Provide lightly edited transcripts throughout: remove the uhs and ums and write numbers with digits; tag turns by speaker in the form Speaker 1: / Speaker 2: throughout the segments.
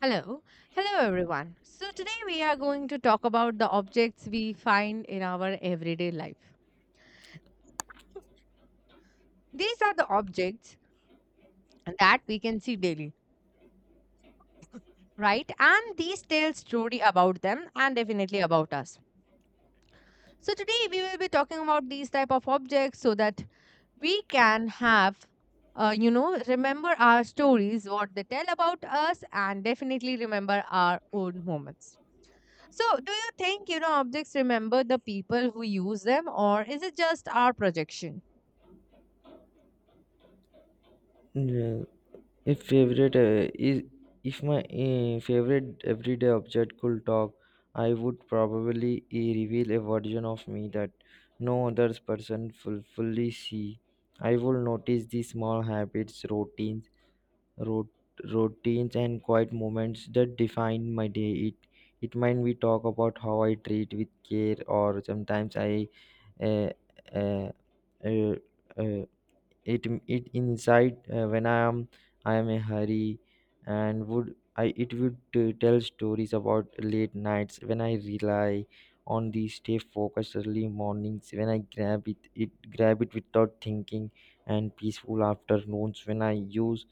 Speaker 1: Hello. Hello, everyone. So, today we are going to talk about the objects we find in our everyday life. These are the objects that we can see daily, right? And these tell story about them and definitely about us. So, today we will be talking about these type of objects so that we can have, uh, you know, remember our stories, what they tell about us, and definitely remember our own moments. So, do you think, objects remember the people who use them, or is it just our projection?
Speaker 2: Yeah, if favorite uh, is if my favorite everyday object could talk, I would probably reveal a version of me that no other person fully see. I will notice the small habits, routines, rot- routines, and quiet moments that define my day. It might be talk about how I treat with care, or sometimes I uh, uh, uh, uh, it it inside when I am a hurry, and would I it would tell stories about late nights when I rely on the stay focused, early mornings when I grab it without thinking, and peaceful afternoons when I use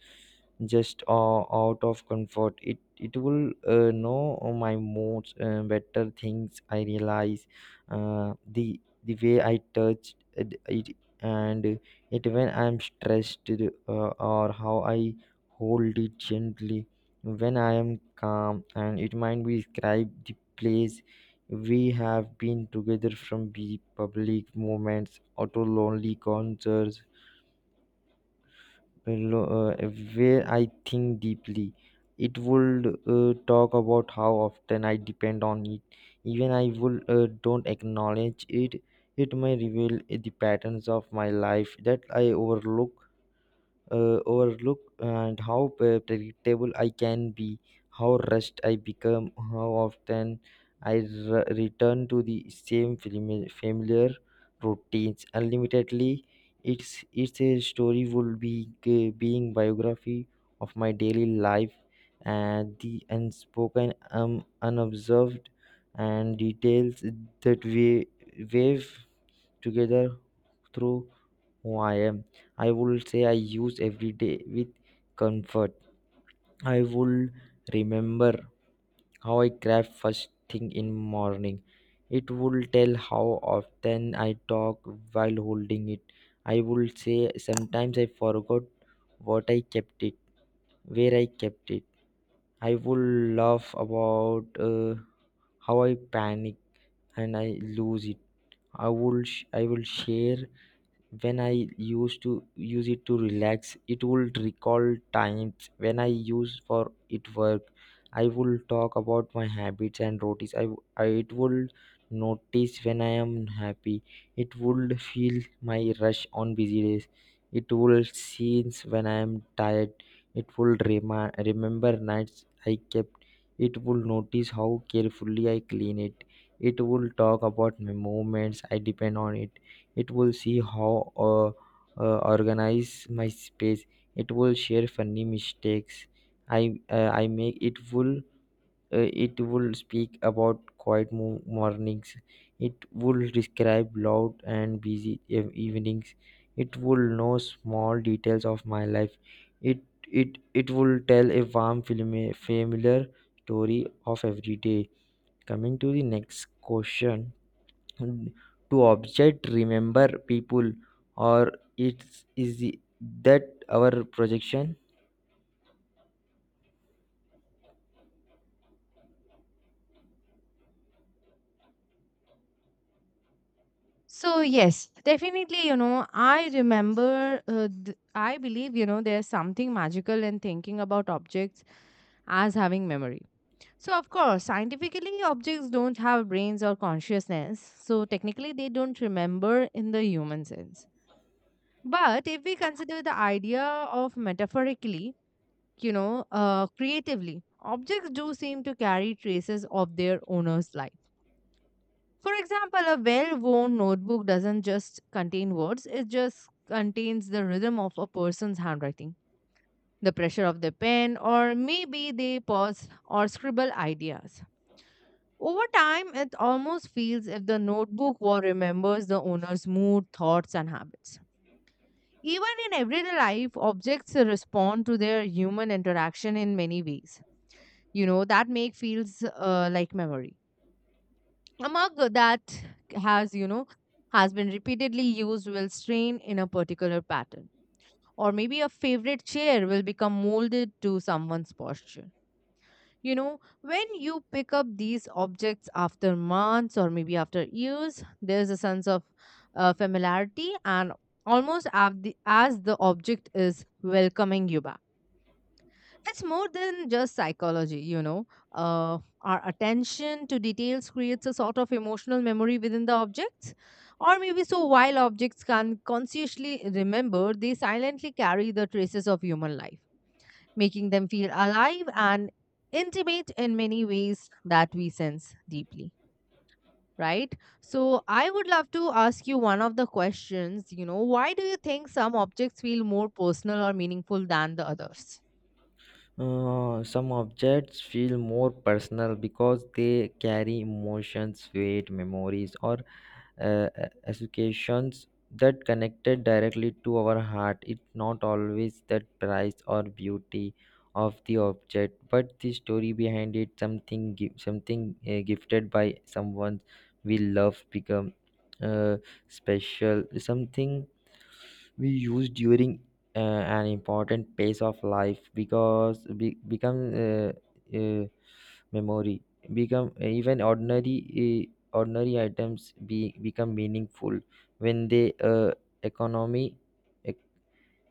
Speaker 2: just out of comfort. It will know my moods better things I realize, the way I touched it, it and it when I'm stressed, or how I hold it gently when I am calm, and it might be describe the place we have been together, from the public moments or to lonely concerts, lo- uh, where I think deeply. It would talk about how often I depend on it, even I would don't acknowledge it. It may reveal the patterns of my life that I overlook, and how predictable I can be, how rushed I become, how often I return to the same familiar routines unlimitedly. It's a story would be being biography of my daily life and the unspoken, unobserved, and details that we wave together through who I am. I would say I use every day with comfort. I would remember how I grab first thing in morning. It would tell how often I talk while holding it. I would say sometimes I forgot what I kept it, where I kept it. I would laugh about how I panic and I lose it. I will share when I used to use it to relax. It would recall times when I used for it work. I will talk about my habits and routines. I, I it would notice when I am happy. It would feel my rush on busy days. It will scenes when I am tired. It will remember nights I kept. It will notice how carefully I clean it. It will talk about my moments I depend on it. It will see how uh, organize my space. It will share funny mistakes i I make. It will speak about quiet mornings. It will describe loud and busy evenings. It will know small details of my life. It it it will tell a warm familiar story of every day, coming to the next question. Mm, to object remember people, or it's is the- that our projection?
Speaker 1: So, yes, definitely, I I believe, there's something magical in thinking about objects as having memory. So, of course, scientifically, objects don't have brains or consciousness, so technically, they don't remember in the human sense. But if we consider the idea of metaphorically, creatively, objects do seem to carry traces of their owner's life. For example, a well worn notebook doesn't just contain words, it just contains the rhythm of a person's handwriting, the pressure of the pen, or maybe they pause or scribble ideas. Over time, it almost feels if the notebook war remembers the owner's mood, thoughts, and habits. Even in everyday life, objects respond to their human interaction in many ways. You know that make feels like memory. A mug that has you know has been repeatedly used will strain in a particular pattern, or maybe a favorite chair will become molded to someone's posture. You know, when you pick up these objects after months or maybe after years, there's a sense of familiarity and almost as the object is welcoming you back. It's more than just psychology. Our attention to details creates a sort of emotional memory within the objects. Or maybe so, while objects can consciously remember, they silently carry the traces of human life making them feel alive and intimate in many ways that we sense deeply, right? So I would love to ask you one of the questions, why do you think some objects feel more personal or meaningful than the others?
Speaker 2: Some objects feel more personal because they carry emotions weight memories or educations that connected directly to our heart. It's not always that price or beauty of the object, but the story behind it. Something gifted by someone we love become uh, special. Something we use during an important phase of life because become uh, memory. Become even ordinary items be become meaningful when they economy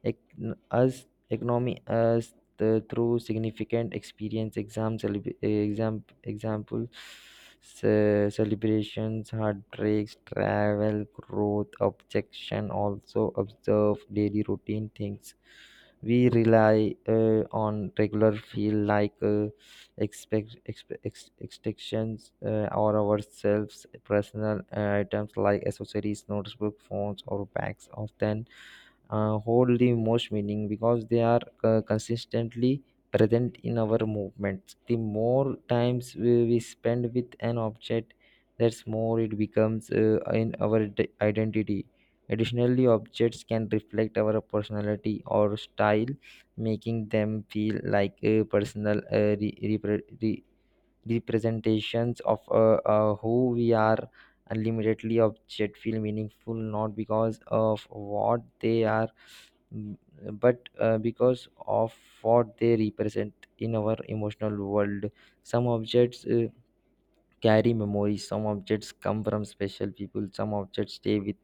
Speaker 2: ec- us economy as the through significant experience example, celebrations, heartbreaks, travel, growth. Objection also observe daily routine things we rely on regular, feel like extensions or ourselves. Personal items like accessories, notebook, phones, or bags often hold the most meaning because they are consistently present in our movements. The more times we spend with an object, that's more it becomes in our identity. Additionally, objects can reflect our personality or style, making them feel like a personal representations of who we are. Unlimitedly, object feel meaningful not because of what they are, Mm, but because of what they represent in our emotional world. Some objects carry memories. Some objects come from special people. Some objects stay with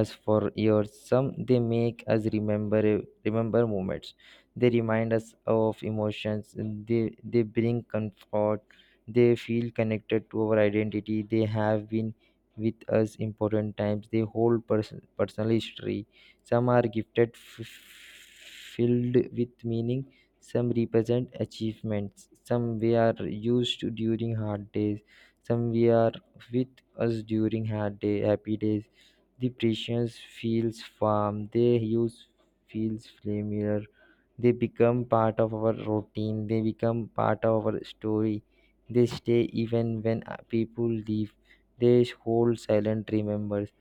Speaker 2: us for years. Some they make us remember moments. They remind us of emotions. They bring comfort. They feel connected to our identity. They have been with us important times. They hold personal history. Some are filled with meaning. Some represent achievements. Some we are used during hard days. Some we are with us during hard day, happy days. The precious feels farm. They use feels familiar. They become part of our routine. They become part of our story. They stay even when people leave. They hold silent remembers.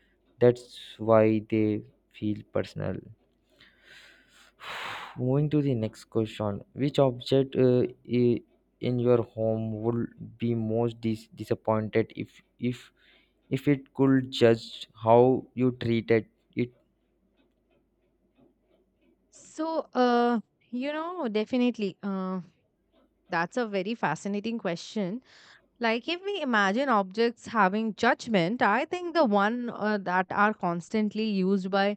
Speaker 2: That's why they feel personal. Moving to the next question. Which object i- in your home would be most disappointed if if it could judge how you treated it?
Speaker 1: So, uh, definitely, that's a very fascinating question. Like, if we imagine objects having judgment, I think the one that are constantly used by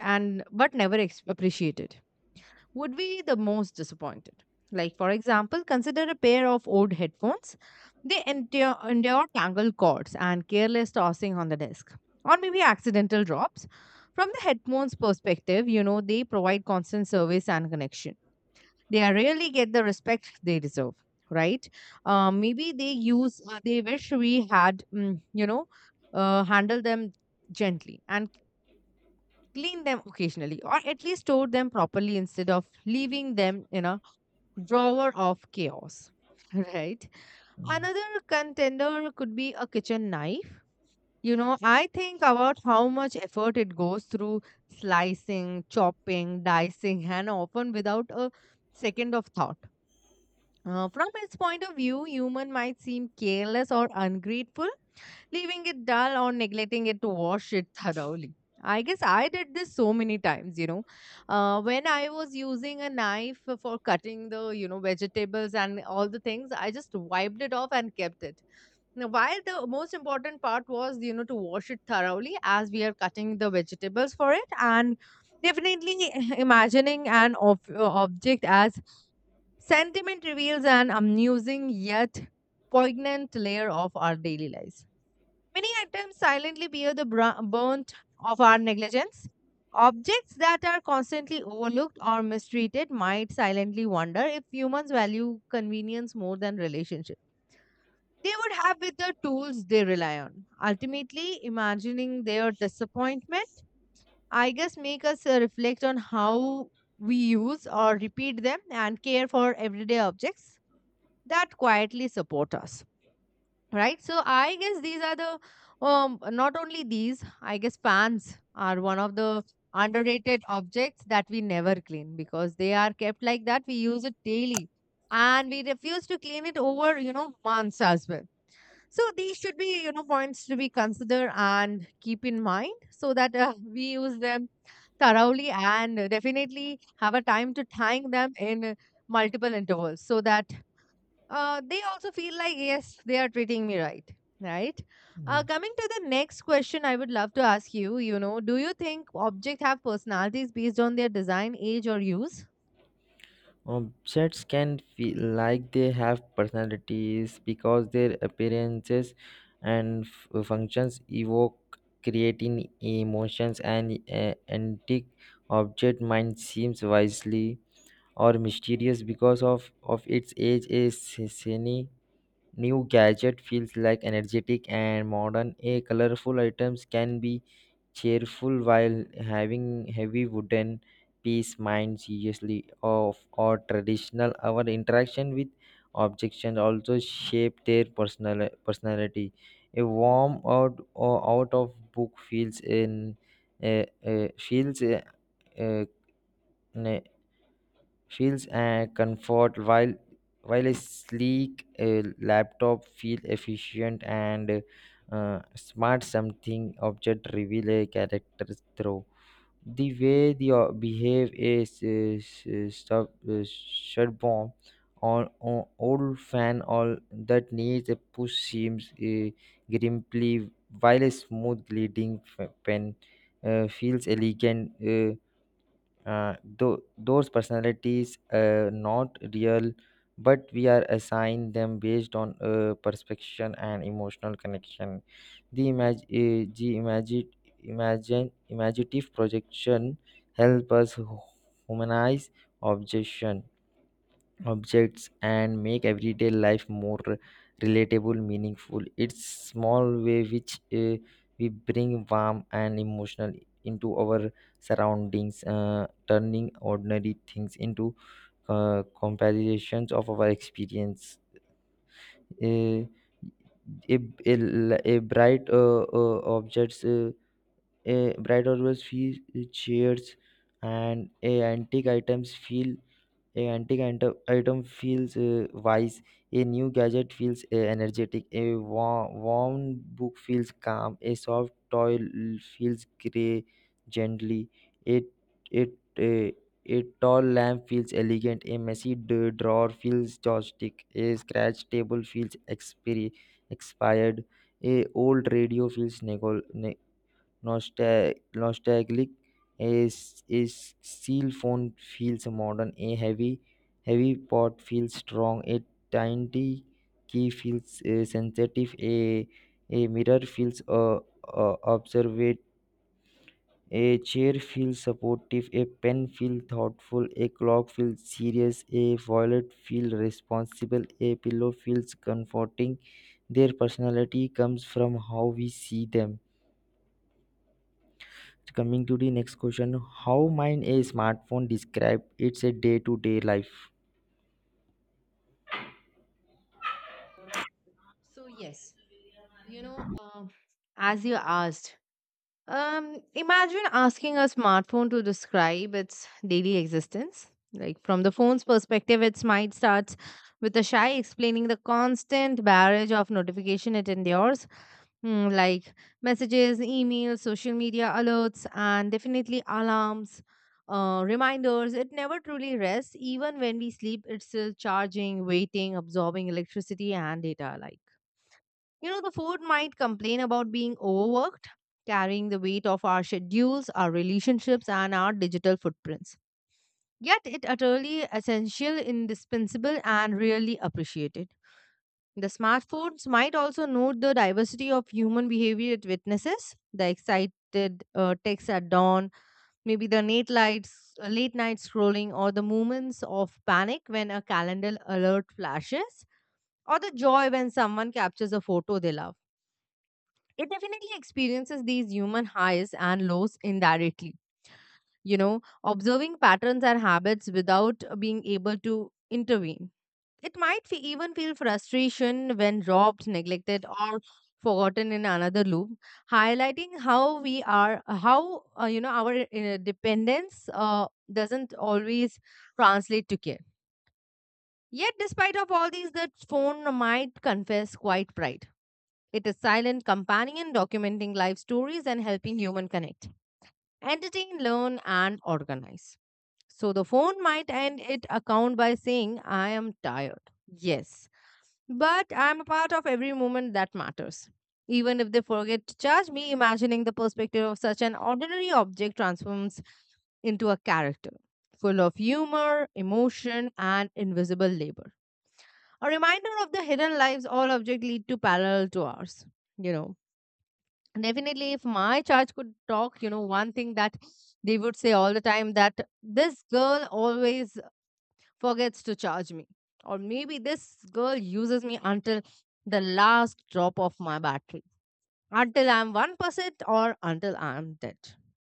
Speaker 1: and but never appreciated would be the most disappointed. Like, for example, consider a pair of old headphones. They endure tangled cords and careless tossing on the desk, or maybe accidental drops. From the headphones' perspective, they provide constant service and connection. They are rarely get the respect they deserve, right? Maybe they wish we had, handle them gently and clean them occasionally, or at least store them properly instead of leaving them in a drawer of chaos, right? Another contender could be a kitchen knife. You know, I think about how much effort it goes through slicing, chopping, dicing, and often without a second of thought. From its point of view, human might seem careless or ungrateful, leaving it dull or neglecting it to wash it thoroughly. I guess I did this so many times. When I was using a knife for cutting the vegetables and all the things, I just wiped it off and kept it. Now, while the most important part was to wash it thoroughly as we are cutting the vegetables for it, and definitely imagining an object as sentiment reveals an amusing yet poignant layer of our daily lives. Many items silently bear the brunt of our negligence. Objects that are constantly overlooked or mistreated might silently wonder if humans value convenience more than relationship. They would have with the tools they rely on. Ultimately, imagining their disappointment, I guess, make us reflect on how we use or repeat them and care for everyday objects that quietly support us, right? So I guess these are the, not only these, I guess fans are one of the underrated objects that we never clean because they are kept like that. We use it daily and we refuse to clean it over, months as well. So these should be, points to be considered and keep in mind so that we use them thoroughly and definitely have a time to thank them in multiple intervals so that they also feel like, yes, they are treating me right, right.
Speaker 2: Yes.
Speaker 1: Coming to the next question, I would love to ask you you know do you think objects have personalities based on their design, age, or use?
Speaker 2: Objects can feel like they have personalities because their appearances and functions evoke creating emotions. And antique object might seems wisely or mysterious because of its age. A shiny new gadget feels like energetic and modern. A colorful items can be cheerful, while having heavy wooden piece mind seriously of or traditional. Our interaction with objections also shape their personal personality. A warm out or out of book feels in uh, uh, feels uh, uh, ne- feels comfort, while a sleek laptop feel efficient and smart. Something object reveal a character through the way they behave is sub is shut bomb, or old fan all that needs a push seems grimply, while a smooth leading pen feels elegant. Those personalities are not real, but we are assigned them based on perception and emotional connection. The imag- uh, the imagine imagine imaginative projection help us humanize objection objects and make everyday life more relatable meaningful. It's small way which we bring warm and emotional into our surroundings, turning ordinary things into comparisons of our experience. Uh, a a, a bright objects a bright objects feel cheers, and a antique item feels wise. A new gadget feels energetic. A worn book feels calm. A soft toy feels gray gently. It it a, a tall lamp feels elegant. A messy drawer feels joystick. A scratch table feels expired. A old radio feels nostalgic. Is Seal phone feels modern. A heavy pot feels strong. A tiny key feels sensitive. A mirror feels observant. A chair feels supportive. A pen feels thoughtful. A clock feels serious. A wallet feels responsible. A pillow feels comforting. Their personality comes from how we see them. Coming to the next question, how might a smartphone describe its a day-to-day life?
Speaker 1: So yes, you know, um, as you asked, um, imagine asking a smartphone to describe its daily existence. Like from the phone's perspective, its might starts with a shy explaining the constant barrage of notification it endures, like messages, emails, social media alerts, and definitely alarms, reminders. It never truly rests. Even when we sleep, it's still charging, waiting, absorbing electricity and data. Like, you know, the phone might complain about being overworked, carrying the weight of our schedules, our relationships, and our digital footprints. Yet, it utterly essential, indispensable, and really appreciated. The smartphones might also note the diversity of human behavior it witnesses, the excited texts at dawn, maybe the late night scrolling, or the moments of panic when a calendar alert flashes, or the joy when someone captures a photo they love. It definitely experiences these human highs and lows indirectly. You know, observing patterns and habits without being able to intervene. It might even feel frustration when robbed, neglected, or forgotten in another loop, highlighting how our dependence doesn't always translate to care. Yet, despite of all these, the phone might confess quite pride. It is silent companion, documenting life stories and helping human connect, entertain, learn, and organize. So the phone might end its account by saying, "I am tired." Yes, but I'm a part of every moment that matters. Even if they forget to charge me, imagining the perspective of such an ordinary object transforms into a character full of humor, emotion, and invisible labor. A reminder of the hidden lives all objects lead to parallel to ours. You know, definitely, if my charge could talk, you know, one thing that they would say all the time that this girl always forgets to charge me. Or maybe this girl uses me until the last drop of my battery, until I'm 1% or until I'm dead.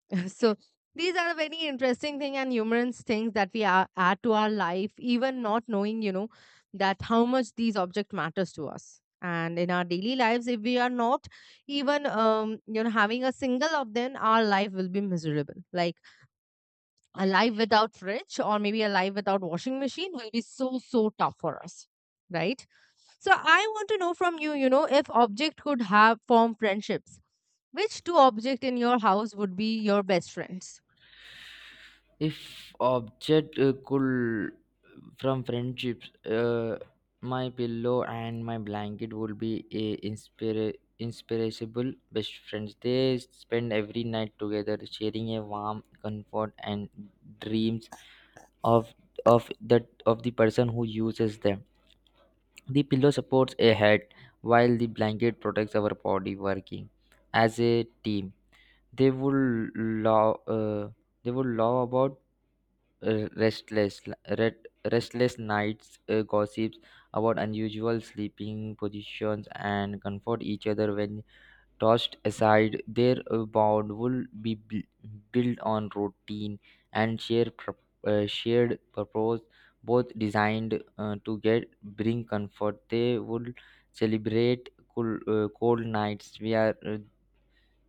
Speaker 1: So these are the very interesting thing and humorous things that add to our life, even not knowing that how much these object matters to us. And in our daily lives, if we are not even, having a single of them, our life will be miserable. Like a life without fridge or maybe a life without washing machine will be so so tough for us, right? So I want to know from you, you know if object could have form friendships, which two object in your house would be your best friends?
Speaker 2: If object could from friendships, my pillow and my blanket would be a inspirable best friends. They spend every night together, sharing a warm comfort and dreams of that of the person who uses them. The pillow supports a head while the blanket protects our body, working as a team. They would love uh, they would love about uh, restless red, restless nights, gossips about unusual sleeping positions, and comfort each other when tossed aside. Their bond will be built on routine and shared purpose, both designed to get bring comfort. They would celebrate cool, cold nights where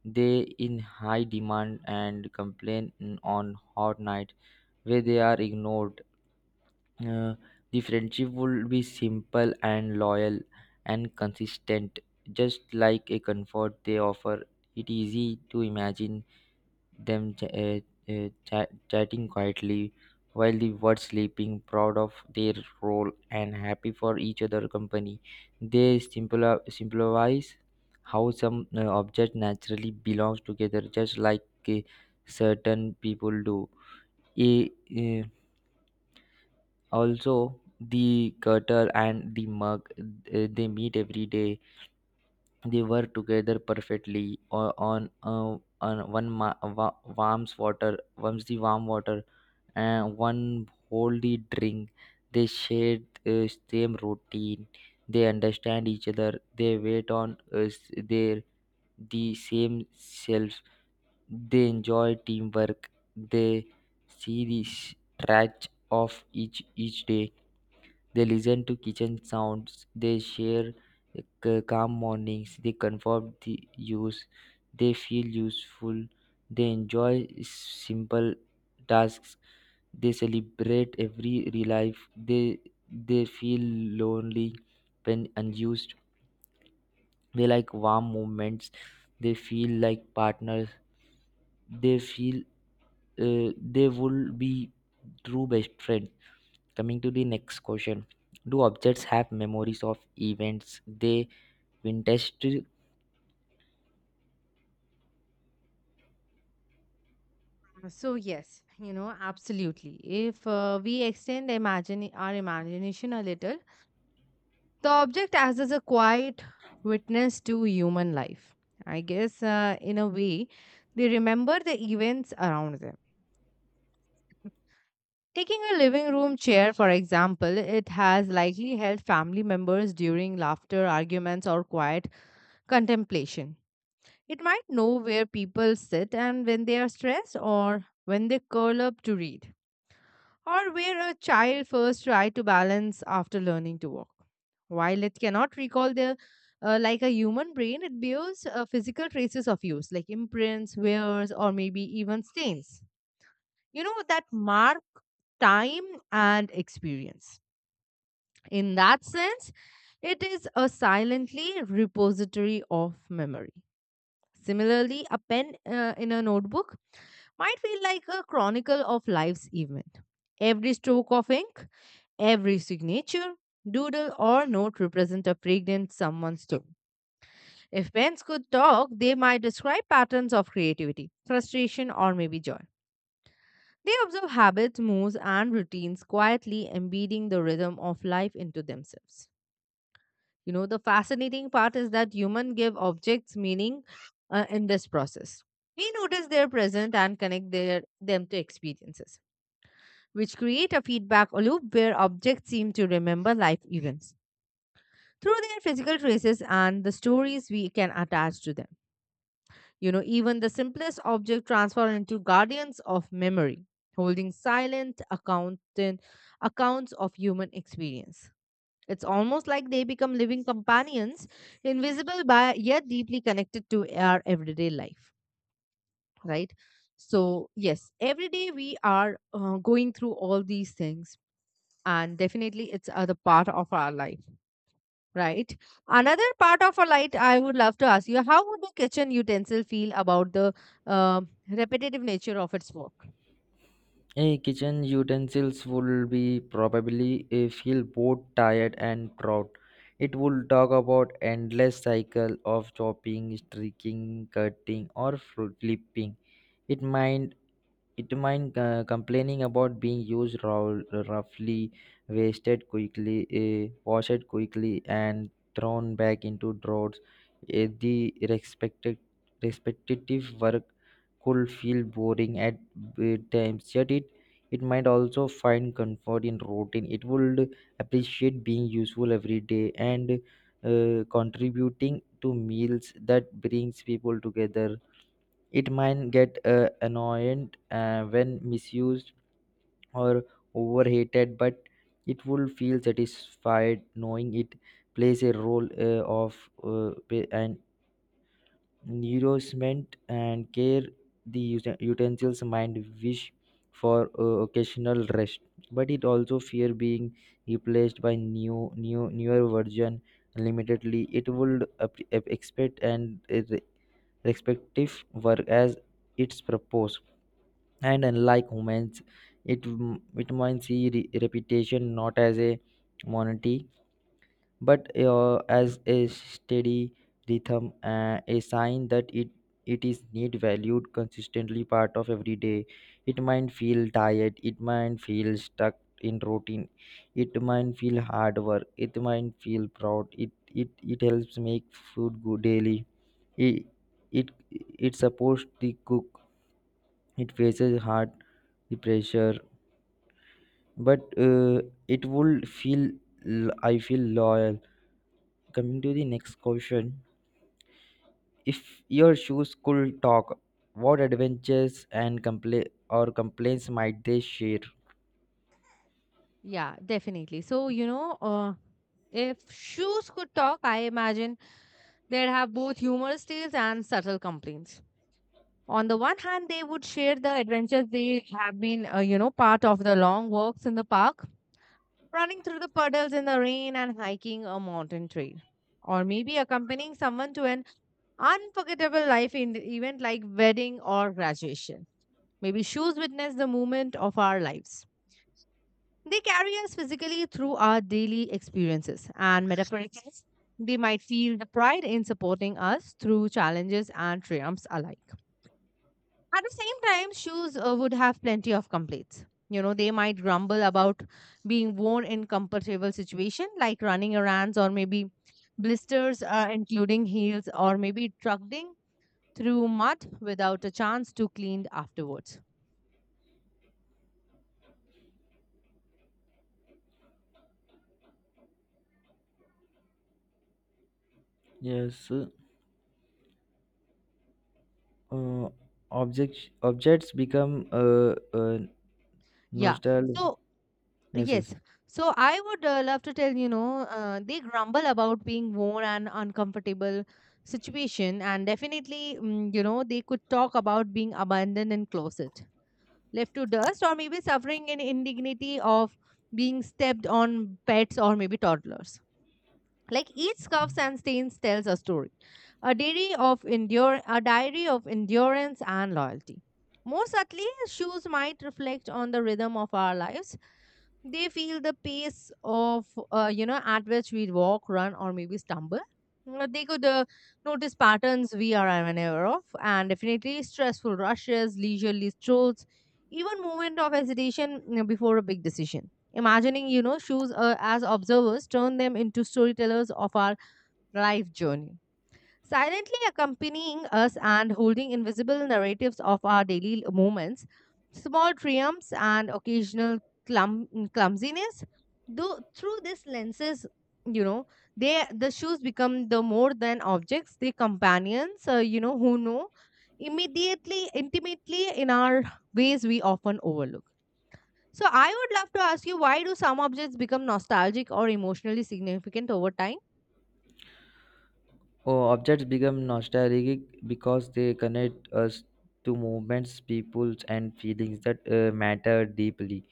Speaker 2: they in high demand, and complain on hot nights where they are ignored. Uh, the friendship would be simple and loyal and consistent, just like a comfort they offer. It easy to imagine them chatting quietly while the words sleeping, proud of their role and happy for each other company. They symbolize how some object naturally belongs together, just like uh, certain people do. A, uh, Also the cutter and the mug, they meet every day. They work together perfectly on one warm water, and one hold the drink. They share same routine. They understand each other. They wait on us. Their the same selves. They enjoy teamwork. They see the stretch of each day. They listen to kitchen sounds. They share calm mornings. They confirm the use. They feel useful. They enjoy simple tasks. They celebrate every real life. They feel lonely when unused. They like warm moments. They feel like partners. They feel uh, they will be true best friend. Coming to the next question, do objects have memories of events they witnessed?
Speaker 1: So yes, absolutely. If we extend imagine our imagination a little, the object acts as a quiet witness to human life. I guess, in a way, they remember the events around them. Taking a living room chair, for example, it has likely held family members during laughter, arguments, or quiet contemplation. It might know where people sit and when they are stressed or when they curl up to read, or where a child first tried to balance after learning to walk. While it cannot recall the like a human brain, it bears physical traces of use, like imprints, wears, or maybe even stains. You know that mark time and experience. In that sense, it is a silently repository of memory. Similarly, a pen in a notebook might feel like a chronicle of life's event. Every stroke of ink, every signature, doodle, or note represent a fragrant someone's story. If pens could talk, they might describe patterns of creativity, frustration, or maybe joy. They observe habits, moods, and routines, quietly embedding the rhythm of life into themselves. You know, the fascinating part is that humans give objects meaning in this process. We notice their present and connect them to experiences, which create a feedback loop where objects seem to remember life events through their physical traces and the stories we can attach to them. You know, even the simplest object transform into guardians of memory, holding silent accountant accounts of human experience. It's almost like they become living companions, invisible by yet deeply connected to our everyday life, right? So, yes, every day we are going through all these things, and definitely it's other part of our life, right? Another part of our life, I would love to ask you how would the kitchen utensil feel about the repetitive nature of its work?
Speaker 2: Eh, kitchen utensils would be probably eh, feel both tired and proud. It will talk about endless cycle of chopping, streaking, cutting, or fruit flipping. It might It mind complaining about being used roughly, wasted quickly, eh, washed quickly, and thrown back into drawers. Eh, the respected respective work could feel boring at eh, times, yet it might also find comfort in routine. It would appreciate being useful every day and contributing to meals that brings people together. It might get annoying when misused or overhated, but it will feel satisfied knowing it plays a role of pa- and nourishment and care. The utensils might wish for occasional rest, but it also fear being replaced by newer version. Limitedly, it would expect and respective work as its purpose, and unlike humans, it it might see repetition not as a monotony, but as a steady rhythm, a sign that it is need valued consistently part of every day. It might feel tired. It might feel stuck in routine. It might feel hard work. It might feel proud. It helps make food good daily. It, it it supports the cook. It faces hard the pressure, but uh, it will feel I feel loyal. Coming to the next question, if your shoes could talk, what adventures and compla- or complaints might they share?
Speaker 1: Yeah, definitely. So, you know, if shoes could talk, I imagine they'd have both humorous tales and subtle complaints. On the one hand, they would share the adventures they have been, you know, part of the long walks in the park, running through the puddles in the rain and hiking a mountain trail, or maybe accompanying someone to an unforgettable life in event like wedding or graduation. Maybe shoes witness the moment of our lives. They carry us physically through our daily experiences, and metaphorically, they might feel the pride in supporting us through challenges and triumphs alike. At the same time, shoes would have plenty of complaints. You know, they might grumble about being worn in comfortable situation, like running errands or maybe blisters, including heels, or maybe trudging through mud without a chance to clean afterwards.
Speaker 2: Yes. uh, Objects become uh,
Speaker 1: Yeah.
Speaker 2: nostalgic.
Speaker 1: So
Speaker 2: Yes, yes.
Speaker 1: yes. So I would love to tell, you know, they grumble about being worn and uncomfortable situation and definitely, you know, they could talk about being abandoned in closet, left to dust or maybe suffering in indignity of being stepped on pets or maybe toddlers. Like each scuffs and stains tells a story, a diary of endurance and loyalty. More subtly, shoes might reflect on the rhythm of our lives. They feel the pace of you know at which we walk, run, or maybe stumble. They could notice patterns we are unaware of, and definitely stressful rushes, leisurely strolls, even moment of hesitation, before a big decision. Imagining, you know, shoes as observers turn them into storytellers of our life journey silently accompanying us and holding invisible narratives of our daily moments, small triumphs and occasional clum- clumsiness. Though through these lenses, you know, the shoes become the more than objects, they companions, who know intimately in our ways we often overlook. So I would love to ask you, why do some objects become nostalgic or emotionally significant over time?
Speaker 2: Oh, objects become nostalgic because they connect us to movements, peoples, and feelings that matter deeply.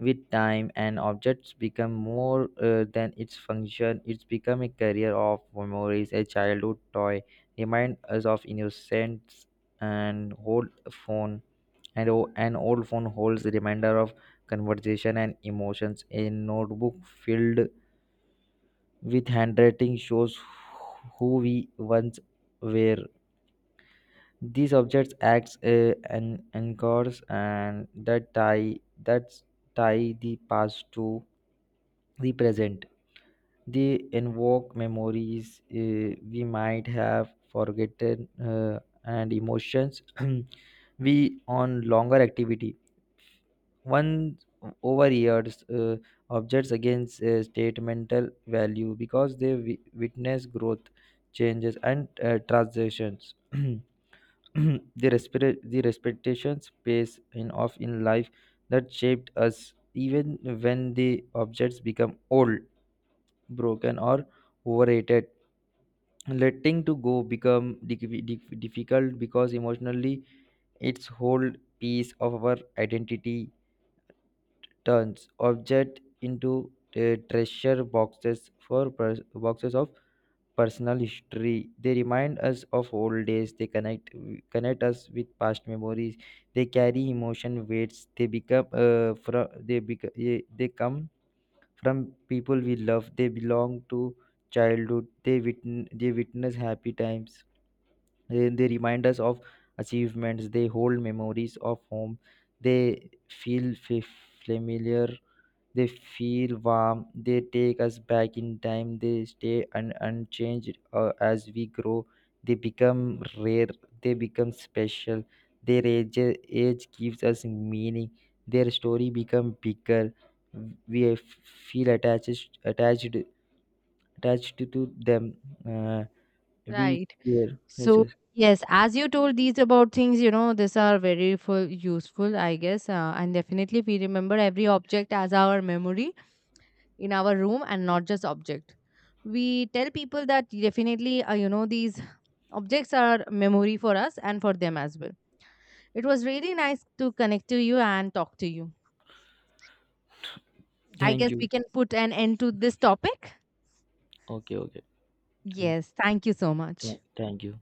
Speaker 2: With time, an object's become more than its function. It's become a carrier of memories. A childhood toy, remind us of innocence and old phone. And an old phone holds a reminder of conversation and emotions. A notebook filled with handwriting shows who we once were. These objects act an anchors and that tie the past to the present. They invoke memories we might have forgotten, and emotions we on longer activity. One over years, objects against statemental value because they witness growth, changes, and transitions. The respectation space in of in life that shaped us. Even when the objects become old, broken, or overrated, letting to go become difficult because emotionally its whole piece of our identity. Turns object into treasure boxes for pers- boxes of personal history. They remind us of old days. They connect us with past memories. They carry emotion weights. They become from they become they come from people we love. They belong to childhood. They witness happy times. Eh, they remind us of achievements. They hold memories of home. They feel familiar. They feel warm. They take us back in time. They stay unchanged as we grow. They become rare. They become special. their age, Age gives us meaning. Their story become bigger. we f- feel attached to them. uh, we
Speaker 1: Right.
Speaker 2: fear, yes,
Speaker 1: So
Speaker 2: yes.
Speaker 1: yes, as you told these about things, these are very useful, I guess. And definitely we remember every object as our memory in our room and not just object. We tell people that definitely, these objects are memory for us and for them as well. It was really nice to connect to you and talk to you. I
Speaker 2: Thank
Speaker 1: guess we
Speaker 2: you.
Speaker 1: can put an end to this topic.
Speaker 2: Okay, okay. Thank,
Speaker 1: Yes, thank you so much.
Speaker 2: Thank you.